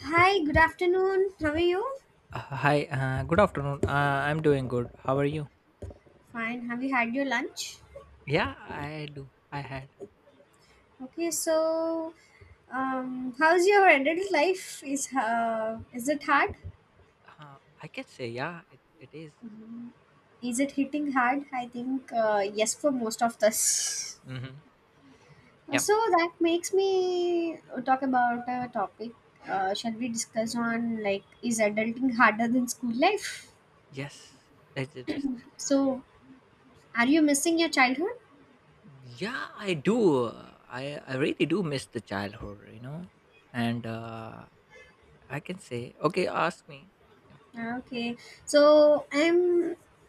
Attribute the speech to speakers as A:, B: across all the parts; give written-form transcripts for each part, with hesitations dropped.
A: Hi, good afternoon. How are you?
B: Hi, good afternoon. I'm doing good. How are you?
A: Fine. Have you had your lunch?
B: Yeah, I do. I had.
A: Okay, so how's your adult life? Is it hard?
B: I can say, yeah, it is.
A: Mm, Is it hitting hard? I think yes, for most of us.
B: Mm-hmm.
A: Uh,
B: Yeah.
A: So that makes me talk about a topic. Shall we discuss on, like, is adulting harder than school life?
B: Yes, it is.
A: So, are you missing your childhood?
B: Yeah, I do. I really do miss the childhood, you know? And I can say, okay, ask me. Yeah.
A: Okay, so I'm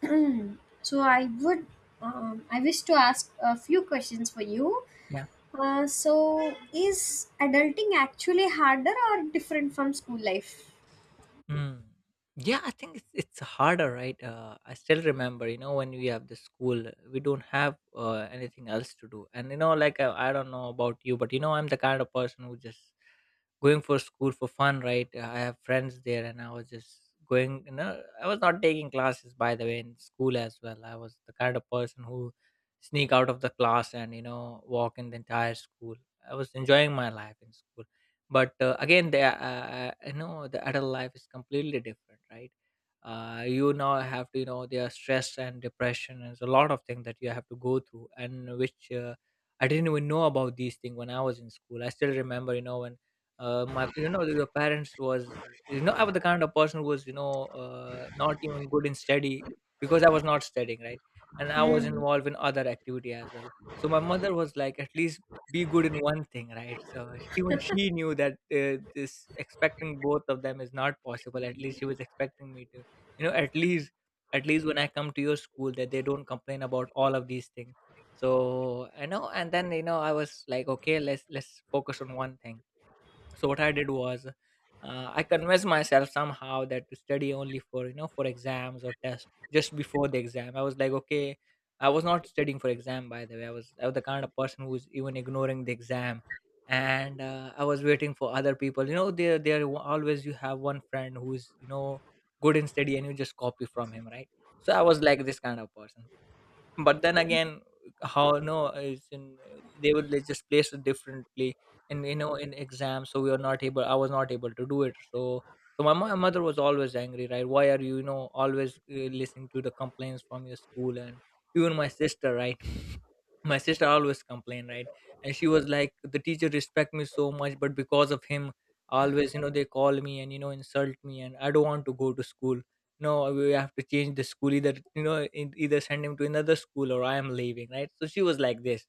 A: so I would I wish to ask a few questions for you. So is adulting actually harder or different from school life?
B: Mm. Yeah, I think it's harder, right? I still remember, you know, when we have the school, we don't have anything else to do, and you know, like I don't know about you, but you know, I'm the kind of person who just going for school for fun, right? I have friends there, and I was just going. You know, I was not taking classes by the way in school as well. I was the kind of person who sneak out of the class and you know walk in the entire school. I was enjoying my life in school, but again, the you know the adult life is completely different, right? You now have to you know there are stress and depression and there's a lot of things that you have to go through and which I didn't even know about these things when I was in school. I still remember, you know, when my you know your parents was you know I was the kind of person who was you know not even good in study because I was not studying right and I was
A: Hmm.
B: involved in other activity as well. So my mother was like, at least be good in one thing, right? So even she knew that this expecting both of them is not possible. At least she was expecting me to you know at least when I come to your school that they don't complain about all of these things. So I know and then you know I was like, okay, let's focus on one thing. So what I did was I convinced myself somehow that to study only for you know for exams or tests. Just before the exam I was like, okay, I was not studying for exam by the way. I was the kind of person who was even ignoring the exam. And I was waiting for other people, you know, there always you have one friend who's you know good in study and you just copy from him, right? So I was like this kind of person, but then again, how no is in they would like, just place it differently and you know in exams, so we were not able, I was not able to do it. So so my mother was always angry, right? Why are you you know always listening to the complaints from your school? And even my sister, right? My sister always complained, right? And she was like, the teacher respect me so much, but because of him always you know they call me and you know insult me, and I don't want to go to school. No, we have to change the school either, you know, either send him to another school or I am leaving, right? So she was like this.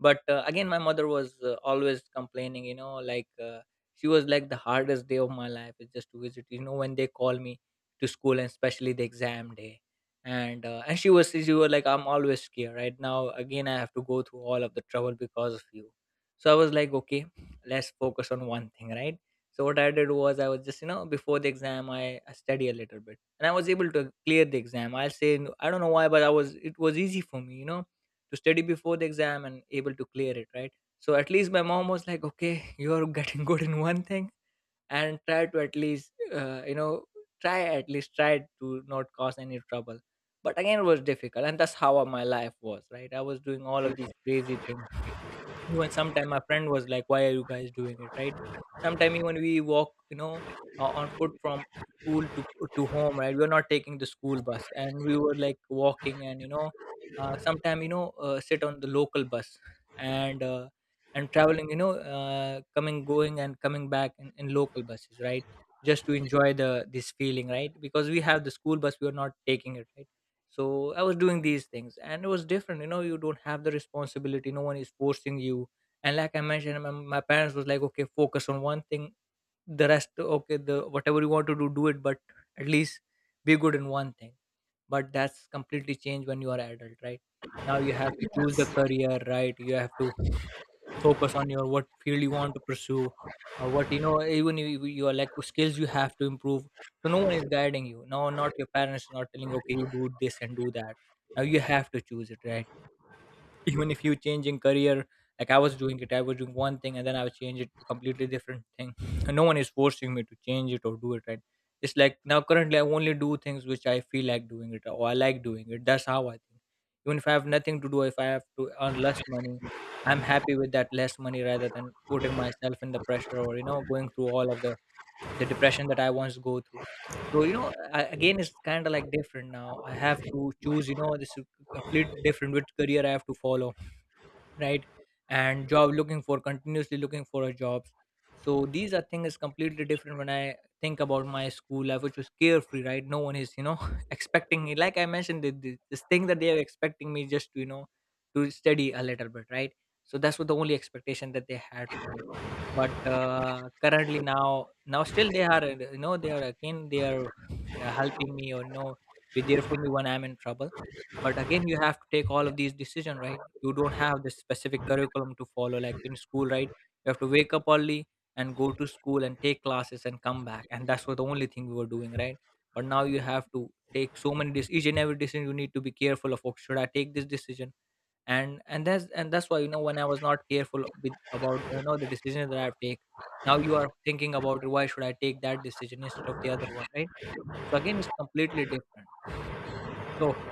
B: But again, my mother was always complaining, you know, like she was like, the hardest day of my life is just to visit, you know, when they call me to school and especially the exam day. And she was like, I'm always scared. Right now, again, I have to go through all of the trouble because of you. So I was like, okay, let's focus on one thing, right? So what I did was I was just, you know, before the exam, I study a little bit, and I was able to clear the exam. I'll say I don't know why, but I was it was easy for me, you know, to study before the exam and able to clear it, right? So at least my mom was like, "Okay, you're getting good in one thing, and try to at least you know try at least try to not cause any trouble." But again, it was difficult, and that's how my life was, right? I was doing all of these crazy things. Even sometime my friend was like, why are you guys doing it, right? Sometime even we walk, you know, on foot from school to home, right? We were not taking the school bus, and we were like walking, and you know sometime you know sit on the local bus and uh, and traveling you know coming going and coming back in local buses, right? Just to enjoy the this feeling, right? Because we have the school bus, we are not taking it, right? So I was doing these things, and it was different. You know, you don't have the responsibility, no one is forcing you. And like I mentioned, my parents was like, okay, focus on one thing, the rest okay the whatever you want to do do it, but at least be good in one thing. But that's completely changed when you are adult, right? Now you have to choose the career, right? You have to focus on your what field you want to pursue, what you know even your like skills you have to improve. So no one is guiding you, no, not your parents not telling you, okay, you do this and do that. Now you have to choose it, right? Even if you changing career, like I was doing it. I was doing one thing and then I would change it to completely different thing, and no one is forcing me to change it or do it, right? It's like now currently I only do things which I feel like doing it or I like doing it. That's how I think. Even if I have nothing to do, if I have to earn less money, I'm happy with that less money rather than putting myself in the pressure or you know going through all of the depression that I once go through. So you know again, it's kind of like different now. I have to choose, you know, this is completely different, which career I have to follow, right? And job looking for, continuously looking for a jobs. So these are things completely different when I think about my school life, which was carefree, right? No one is you know expecting me, like I mentioned, the, this thing that they are expecting me just to you know to study a little bit, right? So that's what the only expectation that they had for me. But currently, now still they are you know they are again they are helping me or you know be there for me when I'm in trouble. But again, you have to take all of these decision, right? You don't have this specific curriculum to follow like in school, right? You have to wake up early and go to school and take classes and come back, and that's what the only thing we were doing, right? But now you have to take so many each and every decision you need to be careful of. Oh, should I take this decision? And that's why, you know, when I was not careful with about you know the decision that I have take, now you are thinking about why should I take that decision instead of the other one, right? So again, it's completely different. So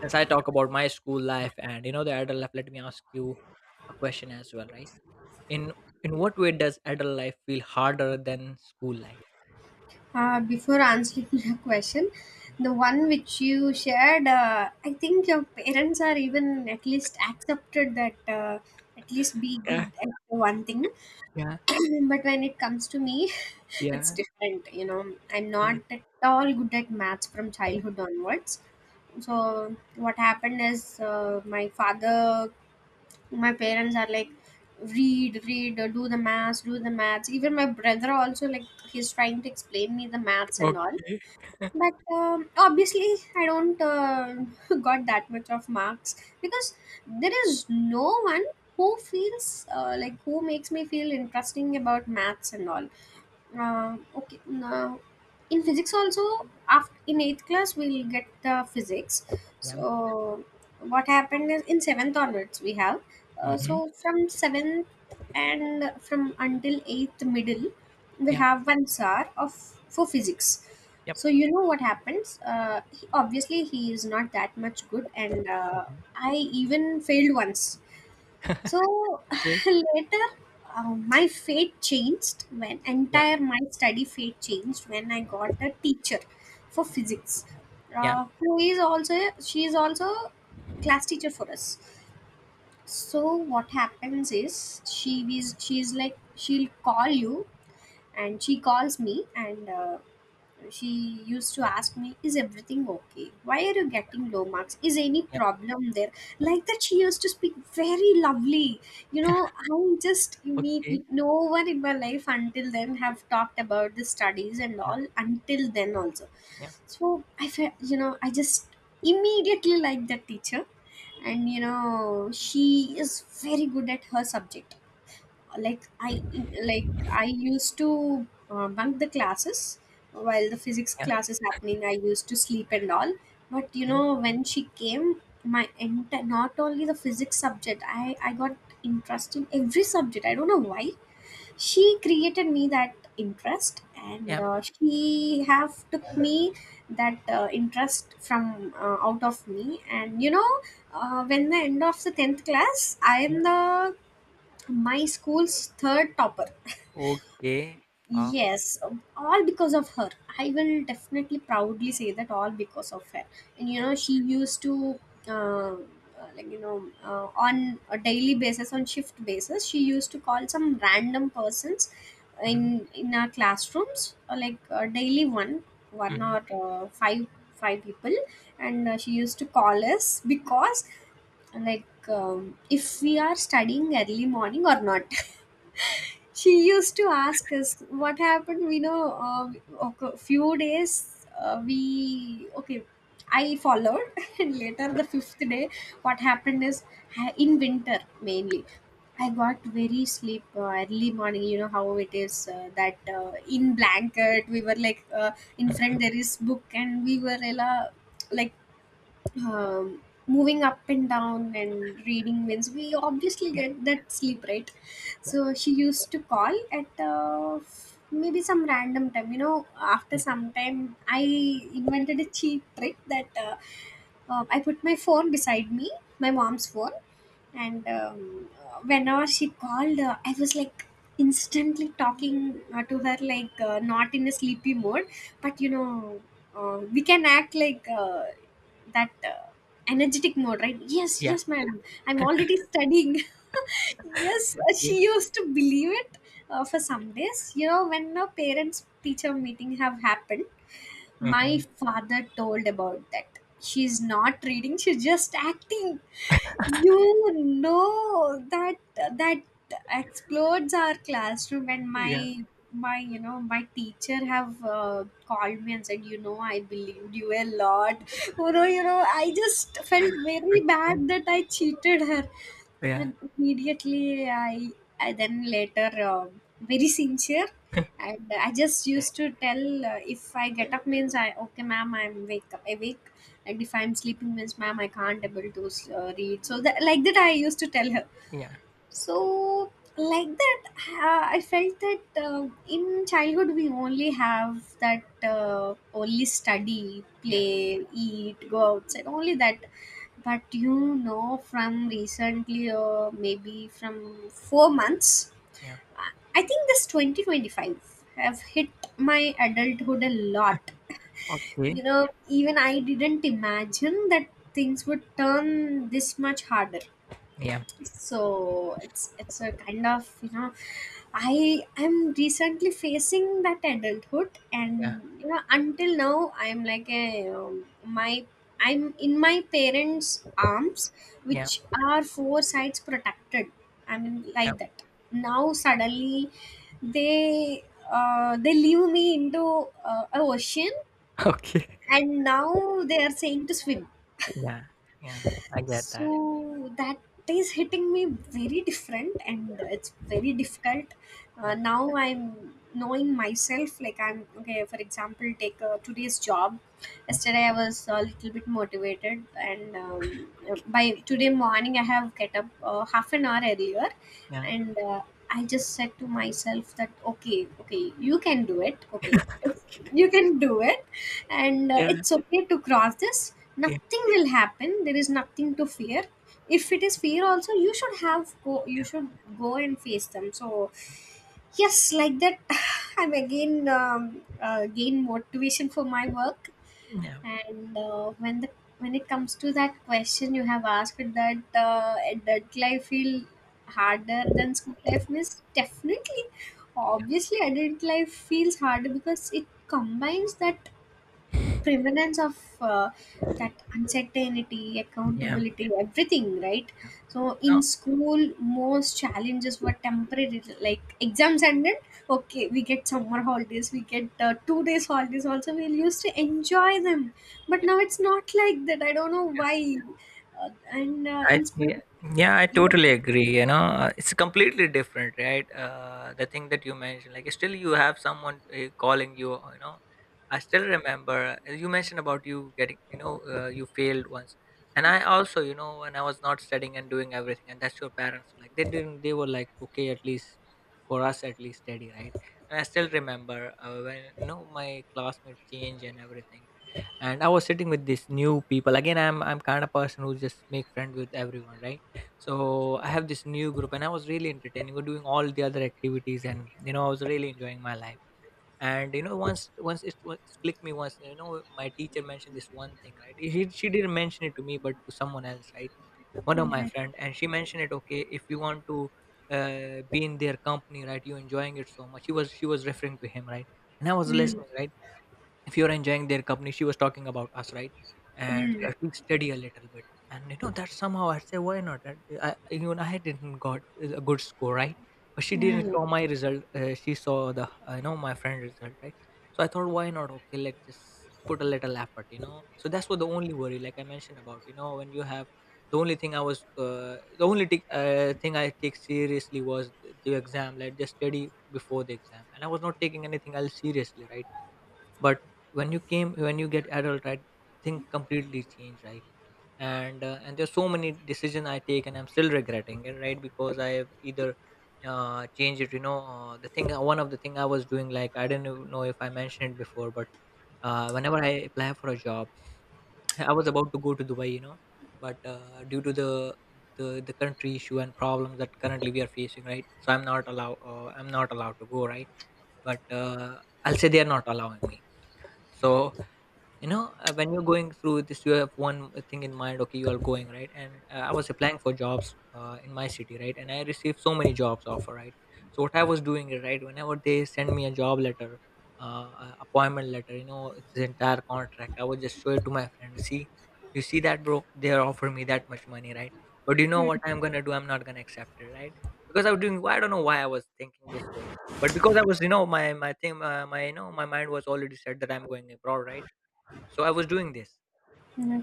B: since I talk about my school life and you know the adult life, let me ask you a question as well, right? In in what way does adult life feel harder than school life?
A: Before answering your question, the one which you shared, I think your parents are even at least accepted that at least be
B: Yeah,
A: good at one thing.
B: yeah,
A: But when it comes to me, it's
B: yeah.
A: different. You know, I'm
B: Yeah.
A: not at all good at maths from childhood onwards. So what happened is my father, my parents are like, read, do the maths, do the maths. Even my brother also, like, he's trying to explain me the maths and all.
B: Okay.
A: But obviously, I don't got that much of marks because there is no one who feels like, who makes me feel interesting about maths and all. Okay Now, in physics also, after in eighth class we'll get the physics.
B: Yeah.
A: So what happened is, in seventh onwards, we have so
B: Mm-hmm.
A: from seventh and from until eighth middle, we
B: Yeah.
A: have one sir of for physics.
B: Yep.
A: So you know what happens, obviously he is not that much good, and
B: Mhm.
A: I even failed once. So
B: Okay.
A: later, my fate changed, when
B: Yeah.
A: entire my study fate changed, when I got a teacher for physics,
B: Yeah.
A: who is also she is also class teacher for us. So what happens is, she is like, she'll call you, and she calls me, and she used to ask me, is everything okay, why are you getting low marks, is any
B: Yep.
A: problem there. Like that, she used to speak very lovely. You know, I just meet
B: Okay.
A: no one in my life until then have talked about the studies and
B: Yeah.
A: all until then also.
B: Yeah.
A: So I felt, you know, I just immediately liked that teacher, and you know, she is very good at her subject. Like i like i used to bunk the classes. While the physics
B: Yeah.
A: class is happening, I used to sleep and all. But you know, when she came, my not only the physics subject, I got interest in every subject. I don't know why. She created me that interest, and
B: Okay.
A: she have took me that interest from out of me. And you know, when the end of the 10th class, I
B: Yeah. Yeah.
A: am the my school's third topper.
B: Okay. Wow.
A: Yes, all because of her. I will definitely proudly say that all because of her. And you know, she used to um, on a daily basis, on shift basis, she used to call some random persons
B: Mm-hmm.
A: in our classrooms, daily one
B: Mm-hmm.
A: or five people. And she used to call us because, like, if we are studying early morning or not. She used to ask us what happened. We know okay, few days we okay I followed. And later, the fifth day, what happened is, in winter mainly, I got very sleep early morning. You know how it is, that in blanket, we were like, in front there is book, and we were like um, moving up and down and reading means we obviously
B: Yeah.
A: get that sleep, right? So she used to call at maybe some random time. You know, after
B: Yeah. Yeah.
A: some time, I invented a cheap trick that, I put my phone beside me, my mom's phone. And whenever she called, I was like instantly talking to her, not in a sleepy mode, but you know, we can act like, that energetic mode, right? Yes,
B: Yeah.
A: yes, madam. I'm already studying. Yes,
B: Okay.
A: she used to believe it for some days. You know, when a parents teacher meeting have happened, my
B: Mm-hmm.
A: father told about that. She's not reading, she's just acting. You know that explodes our classroom and
B: Yeah.
A: my you know, my teacher have called me and said, you know, I believed you a lot. You know, you know, I just felt very
B: Okay.
A: bad that I cheated her.
B: Yeah.
A: And immediately, I then later very sincere, and I just
B: Okay.
A: used to tell, if I get up means I okay, ma'am, I'm wake up awake, and if I'm sleeping means, ma'am, I can't able to read. So that, like that, I used to tell her.
B: Yeah.
A: So, like that, I felt that, in childhood we only have that, only study,
B: Yeah.
A: play, eat, go outside, only that. But you know, from recently, maybe from 4 months,
B: Yeah.
A: I think this 2025 have hit my adulthood a lot.
B: Oke,
A: You know, even I didn't imagine that things would turn this much harder.
B: iya
A: So it's a kind of, you know, I am recently facing that adulthood.
B: iya
A: And you know, until now, I'm like a my I'm in my parents arms,
B: iya
A: which are four sides protected, I mean,
B: iya,
A: like that. Now suddenly, they they leave me into a ocean,
B: oke,
A: and now they are saying to swim.
B: iya iya, agak tak
A: So that is hitting me very different, and it's very difficult. Now I'm knowing myself, like I'm okay, for example, take today's job. Yesterday I was a little bit motivated, and by today morning, I have get up half an hour earlier.
B: iya
A: And I just said to myself that, okay, okay, you can do it, okay. If you can do it, and
B: iya
A: it's okay to cross this,
B: iya
A: nothing will happen, there is nothing to fear. If it is fear also, you should have go, you should go and face them. So yes, like that, I'm again gain motivation for my work.
B: iya
A: And when it comes to that question you have asked, that adult life feel harder than school life, means, definitely, obviously adult life feels harder, because it combines that prevalence of uh, that uncertainty,
B: iya
A: accountability, everything, right? So in
B: no,
A: school, most challenges were temporary, like exams ended, okay, we get summer holidays, we get 2 days holidays also, we used to
B: oh,
A: enjoy them. But
B: iya.
A: now it's not like that, I don't know why. And
B: I
A: In school,
B: yeah, yeah, I
A: yeah.
B: totally agree. You know, it's completely different, right? The thing that you mentioned, like still you have someone calling you. You know, I still remember you mentioned about you getting, you know, you failed once, and I also, you know, when I was not studying and doing everything, and that's your parents were like they didn't, they were like, okay, at least for us, at least steady, right? And I still remember, when, my classmate changed and everything. And I was sitting with these new people. Again, I'm kind of person who just make friend with everyone, right? So I have this new group, and I was really entertaining. We're doing all the other activities, and I was really enjoying my life. And once it, it's clicked me once. My teacher mentioned this one thing, right? She didn't mention it to me but to someone else, right? One of my
A: Mm.
B: friend, and she mentioned it, okay, if you want to be in their company, right? You enjoying it so much. She was referring to him, right? And I was
A: Mm.
B: listening, right? If you're enjoying their company, she was talking about us, right? And so
A: Mm.
B: I feel steady a little bit. And that somehow, I say, why not? And even I didn't got a good score, right? But she didn't
A: Mm.
B: saw my result. She saw the, my friend result, right? So I thought, why not? Okay, let's just put a little effort, so that's what the only worry, like I mentioned about, when you have the only thing I was, the only thing I take seriously was the exam, like just study before the exam. And I was not taking anything else seriously, right? But when you get adult, right? Thing completely change, right? And there's so many decision I take, and I'm still regretting it, right? Because I have either changed it, the thing, one of the thing I was doing, like I didn't even know if I mentioned it before, but whenever I apply for a job, I was about to go to Dubai, but, due to the the country issue and problems that currently we are facing, right? So I'm not allowed, I'm not allowed to go, right? But I'll say they are not allowing me. So, when you're going through this, you have one thing in mind, okay, you are going, right? And I was applying for jobs, in my city, right? And I received so many jobs offer, right? So what I was doing is, right, whenever they send me a job letter, a appointment letter, it's the entire contract, I would just show it to my friend. See, you see that, bro, they're offering me that much money, right? But you know
A: Mm.
B: what I'm gonna do? I'm not gonna accept it, right? Because I was doing, I don't know why I was thinking this way. But because I was, my thing, my, my mind was already set that I'm going abroad, right? So I was doing this.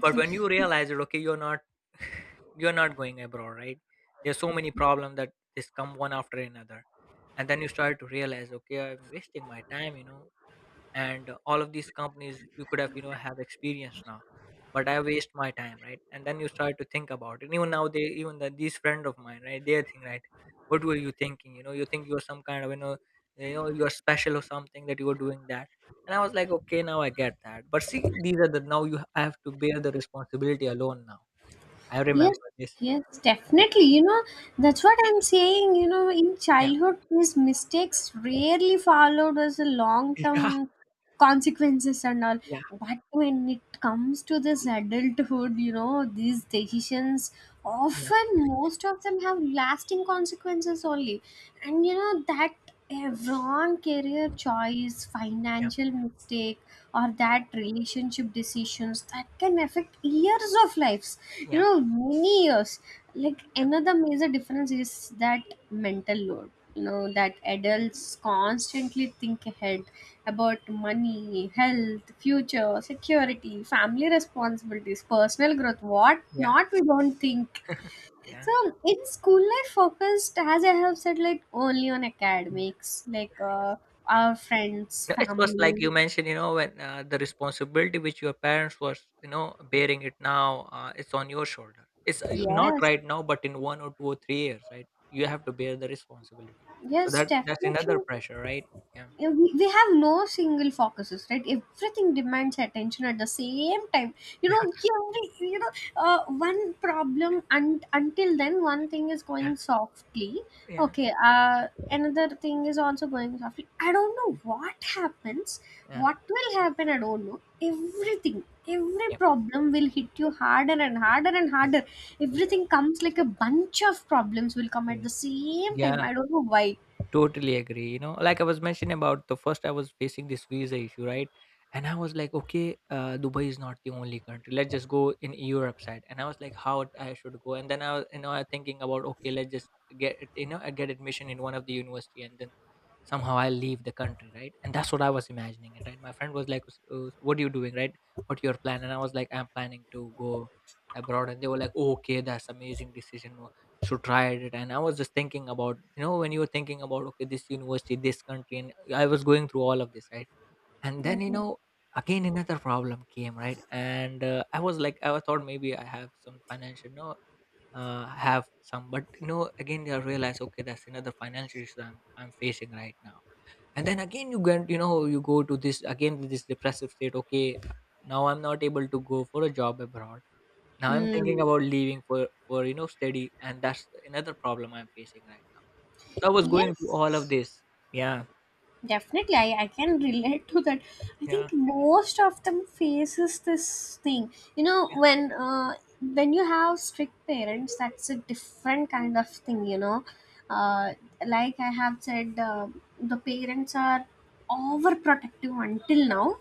B: But when you realize that, okay, you're not you're not going abroad, right? There's so many problems that just come one after another. And then you start to realize, okay, I'm wasting my time. And all of these companies, you could have, have experience now. But I waste my time, right? And then you start to think about it. And even now, they, these friend of mine, right, they think, right, what were you thinking, you think you're some kind of, you're special or something, that you were doing that. And I was like, okay, now I get that. But see, these are the, now you, I have to bear the responsibility alone now. I
A: Yes,
B: remember this.
A: yes,
B: Yeah,
A: definitely. You know, that's what I'm saying. You know, in
B: yeah,
A: childhood, these mistakes rarely followed as a long term consequences and all.
B: yeah,
A: But when it comes to this adulthood, you know, these decisions,
B: yeah,
A: often most of them, have lasting consequences only. And you know that, a wrong career choice,
B: yeah, yeah,
A: financial mistake, or that relationship decisions, that can affect years of lives, you
B: yeah,
A: know, many years. Like
B: yeah,
A: another major difference is that mental load, you know, that adults constantly think ahead about money, health, future security, family responsibilities, personal growth, what
B: yeah,
A: not, we don't think.
B: yeah,
A: So in school life, focused, as I have said, like only on academics, like
B: yeah.
A: our friends,
B: Yeah, it was like
A: family.
B: you mentioned, when, the responsibility which your parents was, bearing it now, it's on your shoulder. It's not
A: Yes,
B: right now, but in 1 or 2 or 3 years, right? You have to bear the responsibility. So
A: yes,
B: that's another
A: definitely.
B: pressure, right? Yeah,
A: Yeah, we have no single focuses, right, everything demands attention at the same time. You
B: yeah,
A: know, every, you know, one problem, and until then one thing is
B: yeah,
A: going softly,
B: yeah,
A: okay, another thing is also going softly, I don't know what happens,
B: yeah,
A: what will happen, I don't know.
B: yeah,
A: Everything, every
B: yeah,
A: problem will hit you harder and harder and harder.
B: yeah,
A: Everything comes, like a bunch of problems will come at
B: yeah.
A: the same time,
B: Yeah.
A: I don't know why.
B: Totally agree. You know, like I was mentioning about the first, I was facing this visa issue, right? And I was like, okay, Dubai is not the only country. Let's just go in Europe side. And I was like, I should go. And then I was, I thinking about, okay, let's just get, it, I get admission in one of the university, and then somehow I leave the country, right? And that's what I was imagining, it, right? My friend was like, what are you doing, right? What your plan?" And I was like, I'm planning to go abroad. And they were like, okay, that's amazing decision, should try it. And I was just thinking about, when you were thinking about, okay, this university, this country, and I was going through all of this, right? And then,
A: Okay.
B: again another problem came, right? And I was like, I thought maybe I have some financial, no, have some. But again I realized, okay, that's another financial issue I'm facing right now. And then again you get, you go to this again, this depressive state. Okay, now I'm not able to go for a job abroad. Now I'm thinking
A: Hmm.
B: about leaving for study, and that's another problem I'm facing right now. So I was going through all of
A: Yes,
B: this. Yeah,
A: definitely. I can relate to that. I think
B: yeah,
A: most of them faces this thing. You know,
B: yeah,
A: when you have strict parents, that's a different kind of thing. You know, uh, like I have said, the parents are overprotective until now.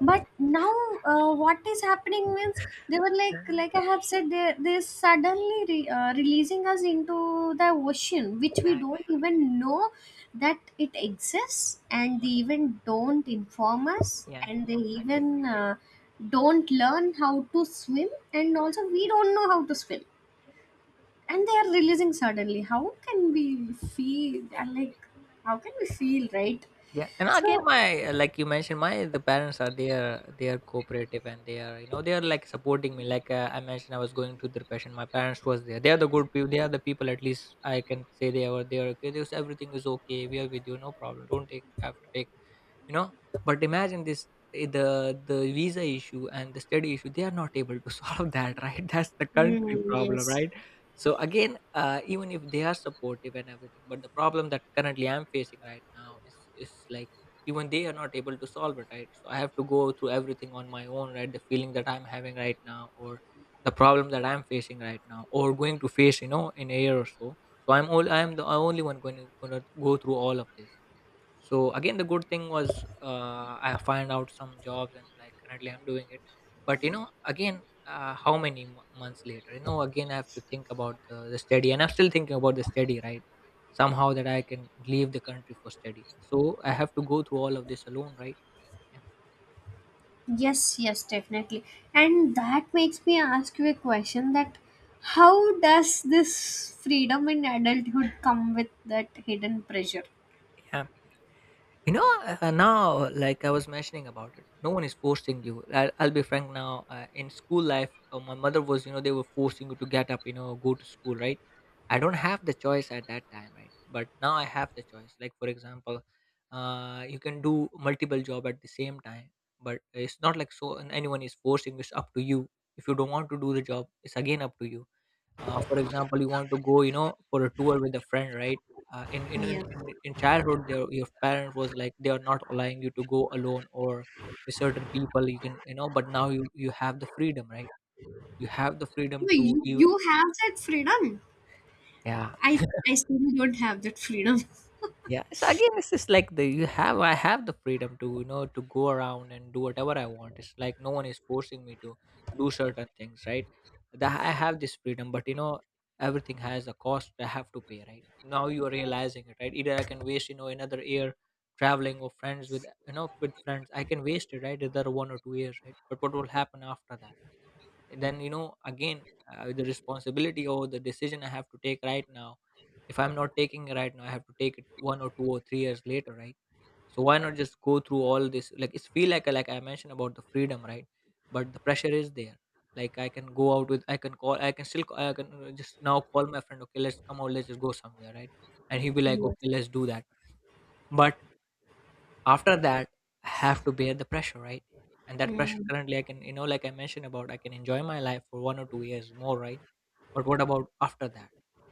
A: But now, what is happening means, they were like I have said, they suddenly releasing us into the ocean, which we
B: yeah,
A: don't even know that it exists, and they even don't inform us,
B: yeah, yeah.
A: and they
B: I get-
A: even don't learn how to swim, and also we don't know how to swim, and they are releasing suddenly, how
B: yeah,
A: can we feel?
B: yeah.
A: And like, how can we feel, right?
B: Yeah. And again,
A: So
B: my, like you mentioned, my the parents are there. They are cooperative, and they are, they are like supporting me. Like, I mentioned, I was going through depression. My parents was there. They are the good people. They are the people. At least I can say they are there. Okay. This everything is okay. We are with you. No problem. Don't take, have to take, you know but imagine this, the visa issue and the study issue, they are not able to solve that, right? That's the country
A: mm, yes.
B: problem, right? So again, even if they are supportive and everything, but the problem that currently I'm facing right now is like even they are not able to solve it, right? So I have to go through everything on my own, right? The feeling that I'm having right now or the problem that I'm facing right now or going to face, in a year or so. So I'm the only one going to go through all of this. So again, the good thing was, I find out some jobs, and like currently I'm doing it. But again, how many months later, again I have to think about the study, and I'm still thinking about the study, right? Somehow that I can leave the country for study, so I have to go through all of this alone, right? Yeah.
A: Yes, yes, definitely. And that makes me ask you a question, that how does this freedom in adulthood come with that hidden pressure?
B: yeah. You know, now, like I was mentioning about it, no one is forcing you. I'll be frank now. In school life, my mother was, they were forcing you to get up, go to school, right? I don't have the choice at that time, right? But now I have the choice. Like, for example, you can do multiple job at the same time, but it's not like so and anyone is forcing. It's up to you. If you don't want to do the job, it's again up to you. For example, you want to go, for a tour with a friend, right? In, in in
A: Yeah.
B: in in childhood, their your parent was like they are not allowing you to go alone or with certain people. You can, but now you have the freedom, right? You have the freedom
A: No,
B: to
A: You,
B: you.
A: you have that freedom.
B: Yeah.
A: I, I still don't have that freedom.
B: Yeah, so again, it's just like the you have I have the freedom to, to go around and do whatever I want. It's like no one is forcing me to do certain things, right? That I have this freedom, but you know, everything has a cost. I have to pay. Right now you are realizing it, right? Either I can waste, another year traveling or friends with you know with friends. I can waste it, right? Either 1 or 2 years, right? But what will happen after that? Then you know again uh, the responsibility or the decision I have to take right now. If I'm not taking it right now, I have to take it 1 or 2 or 3 years later, right? So why not just go through all this? Like it's feel like like I mentioned about the freedom, right? But the pressure is there. Like I can go out with I can call, I can still, I can just now call my friend, okay, let's come out, let's just go somewhere, right? And he'll be like
A: Yes.
B: okay, let's do that. But after that, I have to bear the pressure, right? And that pressure
A: Mm.
B: currently, I can, like I mentioned about, I can enjoy my life for 1 or 2 years more, right? But what about after that?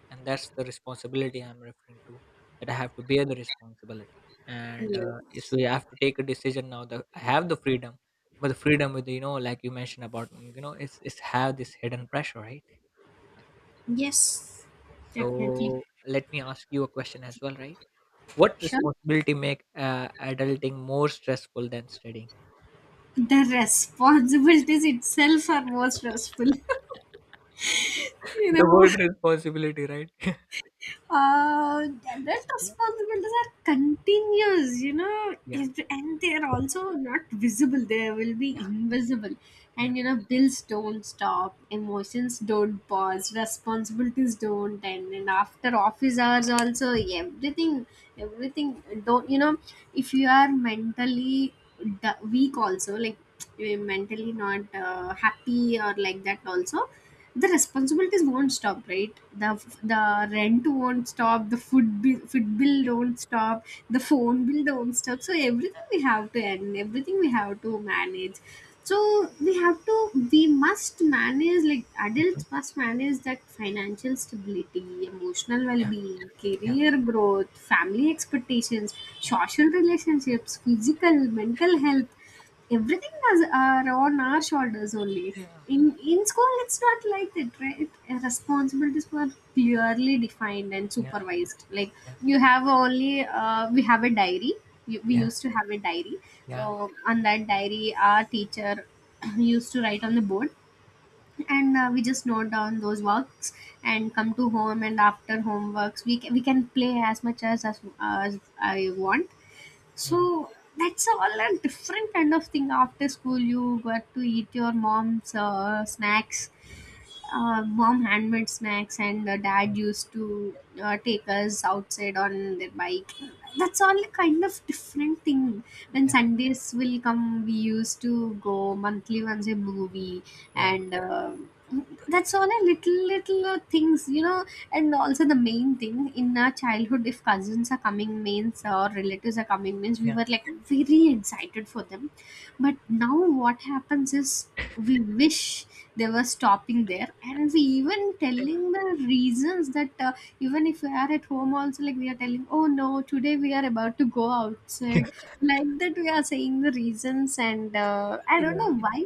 B: And that's the responsibility I'm referring to, that I have to bear the responsibility. and uh,
A: Yes.
B: so you have to take a decision now that I have the freedom, but the freedom with, like you mentioned about, you know, it's have this hidden pressure, right? Yeah.
A: Yes, definitely.
B: So let me ask you a question as well, right? What
A: Sure.
B: responsibility make adulting more stressful than studying?
A: The responsibilities itself are more stressful, you
B: The
A: know.
B: word responsibility, right?
A: Uh, Adult responsibilities are continuous, you know,
B: Yeah. Yeah.
A: if, and they are also not visible. They will be invisible.
B: Yeah. Yeah.
A: And, you know, bills don't stop, emotions don't pause, responsibilities don't end. And after office hours also, everything, everything don't, you know, if you are mentally weak also, like you're mentally not happy or like that also, the responsibilities won't stop, right? The the rent won't stop, the food bill don't stop, the phone bill don't stop. So everything we have to end, everything we have to manage. So we have to, we must manage. Like
B: Mhm.
A: adults must manage that financial stability, emotional
B: Yeah.
A: well-being,
B: Yeah.
A: career growth, family expectations,
B: Yeah.
A: social relationships, physical mental health, everything is are on our shoulders only. In school, it's not like that, right? Responsibilities were clearly defined and
B: Yeah.
A: supervised. Like
B: Yeah. Yeah.
A: you have only we have a diary. We
B: Yeah.
A: used to have a diary.
B: Yeah.
A: So on that diary, our teacher used to write on the board, and we just note down those works and come to home, and after homeworks we can play as much as as I want.
B: Mhm.
A: So that's all a different kind of thing. After school, you got to eat your mom's snacks, mom handmade snacks, and dad
B: Yeah.
A: used to take us outside on their bike. That's all a kind of different thing. When
B: Yeah.
A: Sundays will come, we used to go monthly once a movie,
B: Yeah.
A: and that's all a little little things, you know. And also the main thing in our childhood, if cousins are coming means or relatives are coming means, we
B: Yeah. Yeah.
A: were like very excited for them. But now what happens is we wish they were stopping there, and we even telling the reasons that even if we are at home also, like we are telling, "Oh no, today we are about to go outside," like that we are saying the reasons. And I don't
B: Yeah.
A: know why,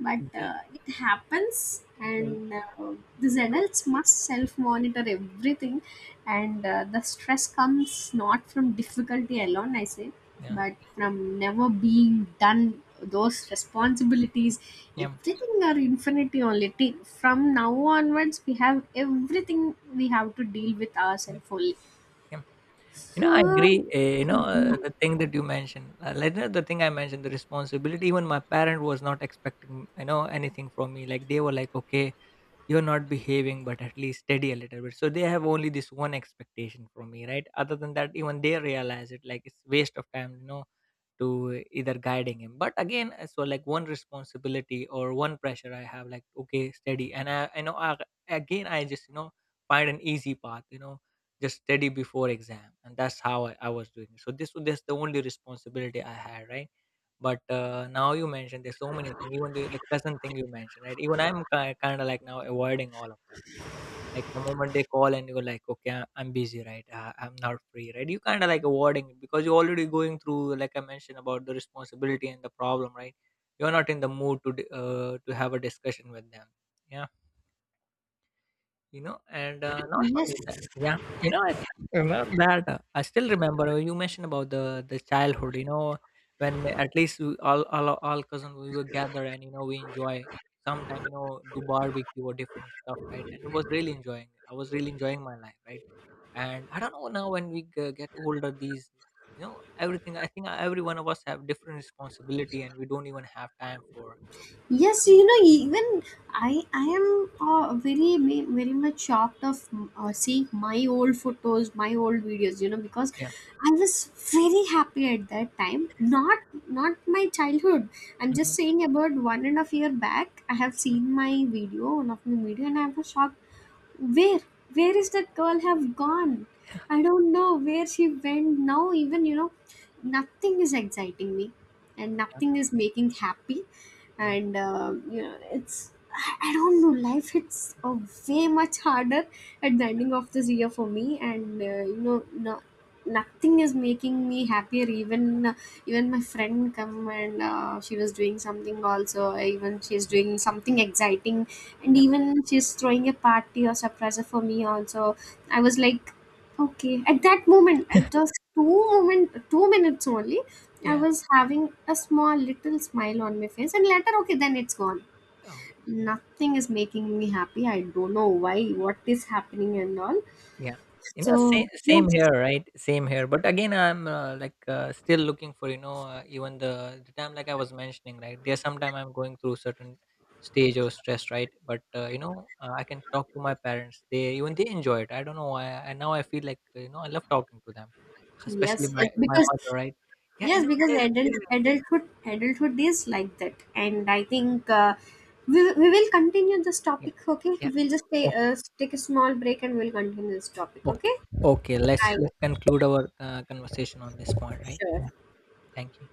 A: but
B: Yeah.
A: it happens.
B: Yeah.
A: And these
B: Dude.
A: adults must self-monitor everything. And the stress comes not from difficulty alone, I say,
B: Yeah.
A: but from never being done those responsibilities.
B: Yeah.
A: Everything are infinity only. Till from now onwards, we have everything, we have to deal with
B: Yeah.
A: ourselves only.
B: Yeah. You know, I agree.
A: So
B: You know,
A: no.
B: the thing that you mentioned, like, you know, the thing I mentioned, the responsibility. Even my parent was not expecting, you know, anything from me. Like they were like, okay, you're not behaving but at least steady a little bit, so they have only this one expectation from me, right? Other than that, even they realize it like it's waste of time, you know, to either guiding him. But again uh, so like one responsibility or one pressure I have, like okay, steady. I know, I just, you know, find an easy path, you know, just steady before exam. And that's how I was doing it. So this was that's the only responsibility I had, right? But now you mentioned there's so many things, even the cousin thing you mentioned, right? Even I'm kinda like now avoiding all of them. Like the moment they call and you're like, "Okay, I'm busy, right? I'm not free," right? You kinda like avoiding it because you're already going through, like I mentioned, about the responsibility and the problem, right? You're not in the mood to d to have a discussion with them. Yeah, you know, and not only
A: Yes.
B: that, yeah, you know, you know that I still remember, you mentioned about the childhood, you know, when at least we, all cousins we were gathered, and you know, we enjoy sometime, you know, do barbecue or different stuff, right? And it was really enjoying, I was really enjoying my life, right? And I don't know, now when we get older, these, you know, everything, I think every one of us have different responsibility and we don't even have time for, you
A: Yes,
B: know,
A: you know, even I am very, very much shocked of seeing my old photos, my old videos. You know, because
B: yeah,
A: I was very happy at that time. Not, not my childhood. I'm just
B: hmm,
A: saying about 1.5 year back. I have seen my video, one of my video, and I was shocked. where where is that girl have gone? I don't know where she went now. Even, you know, nothing is exciting me, and nothing
B: yeah,
A: is making happy.
B: yeah,
A: And you know, it's I don't know, life hits way much harder at the ending of this year for me. And you know, no, nothing is making me happier. Even even my friend come, and she was doing something also, even she's
B: yeah,
A: doing something exciting, and
B: yeah,
A: even she's throwing a party or surprise for me also, I was like, okay. At that moment, at just 2 minutes only, I
B: yeah.
A: was having a small little smile on my face, and later, okay, then it's gone.
B: Oh, yeah.
A: Nothing is making me happy, I don't know why, what is happening and all.
B: Yeah. You know,
A: So
B: same
A: yes,
B: here, right? Same here. But again, I'm like still looking for, you know, even the time like I was mentioning, right? There's sometime I'm going through certain stage of stress, right? But you know, I can talk to my parents. They even they enjoy it. I don't know why. And now I feel like, you know, I love talking to them, especially
A: yes,
B: my
A: it's because.
B: mother, right? Yeah, you
A: Yes,
B: know,
A: because
B: they really,
A: adulthood is like that. And i think we will continue this
B: yeah,
A: topic. Okay,
B: yeah.
A: we'll just
B: O-
A: take take a small break and we'll continue this topic.
B: okay,
A: Okay,
B: okay.
A: I
B: Let's conclude our conversation on this point, right? Yeah.
A: sure.
B: Thank you.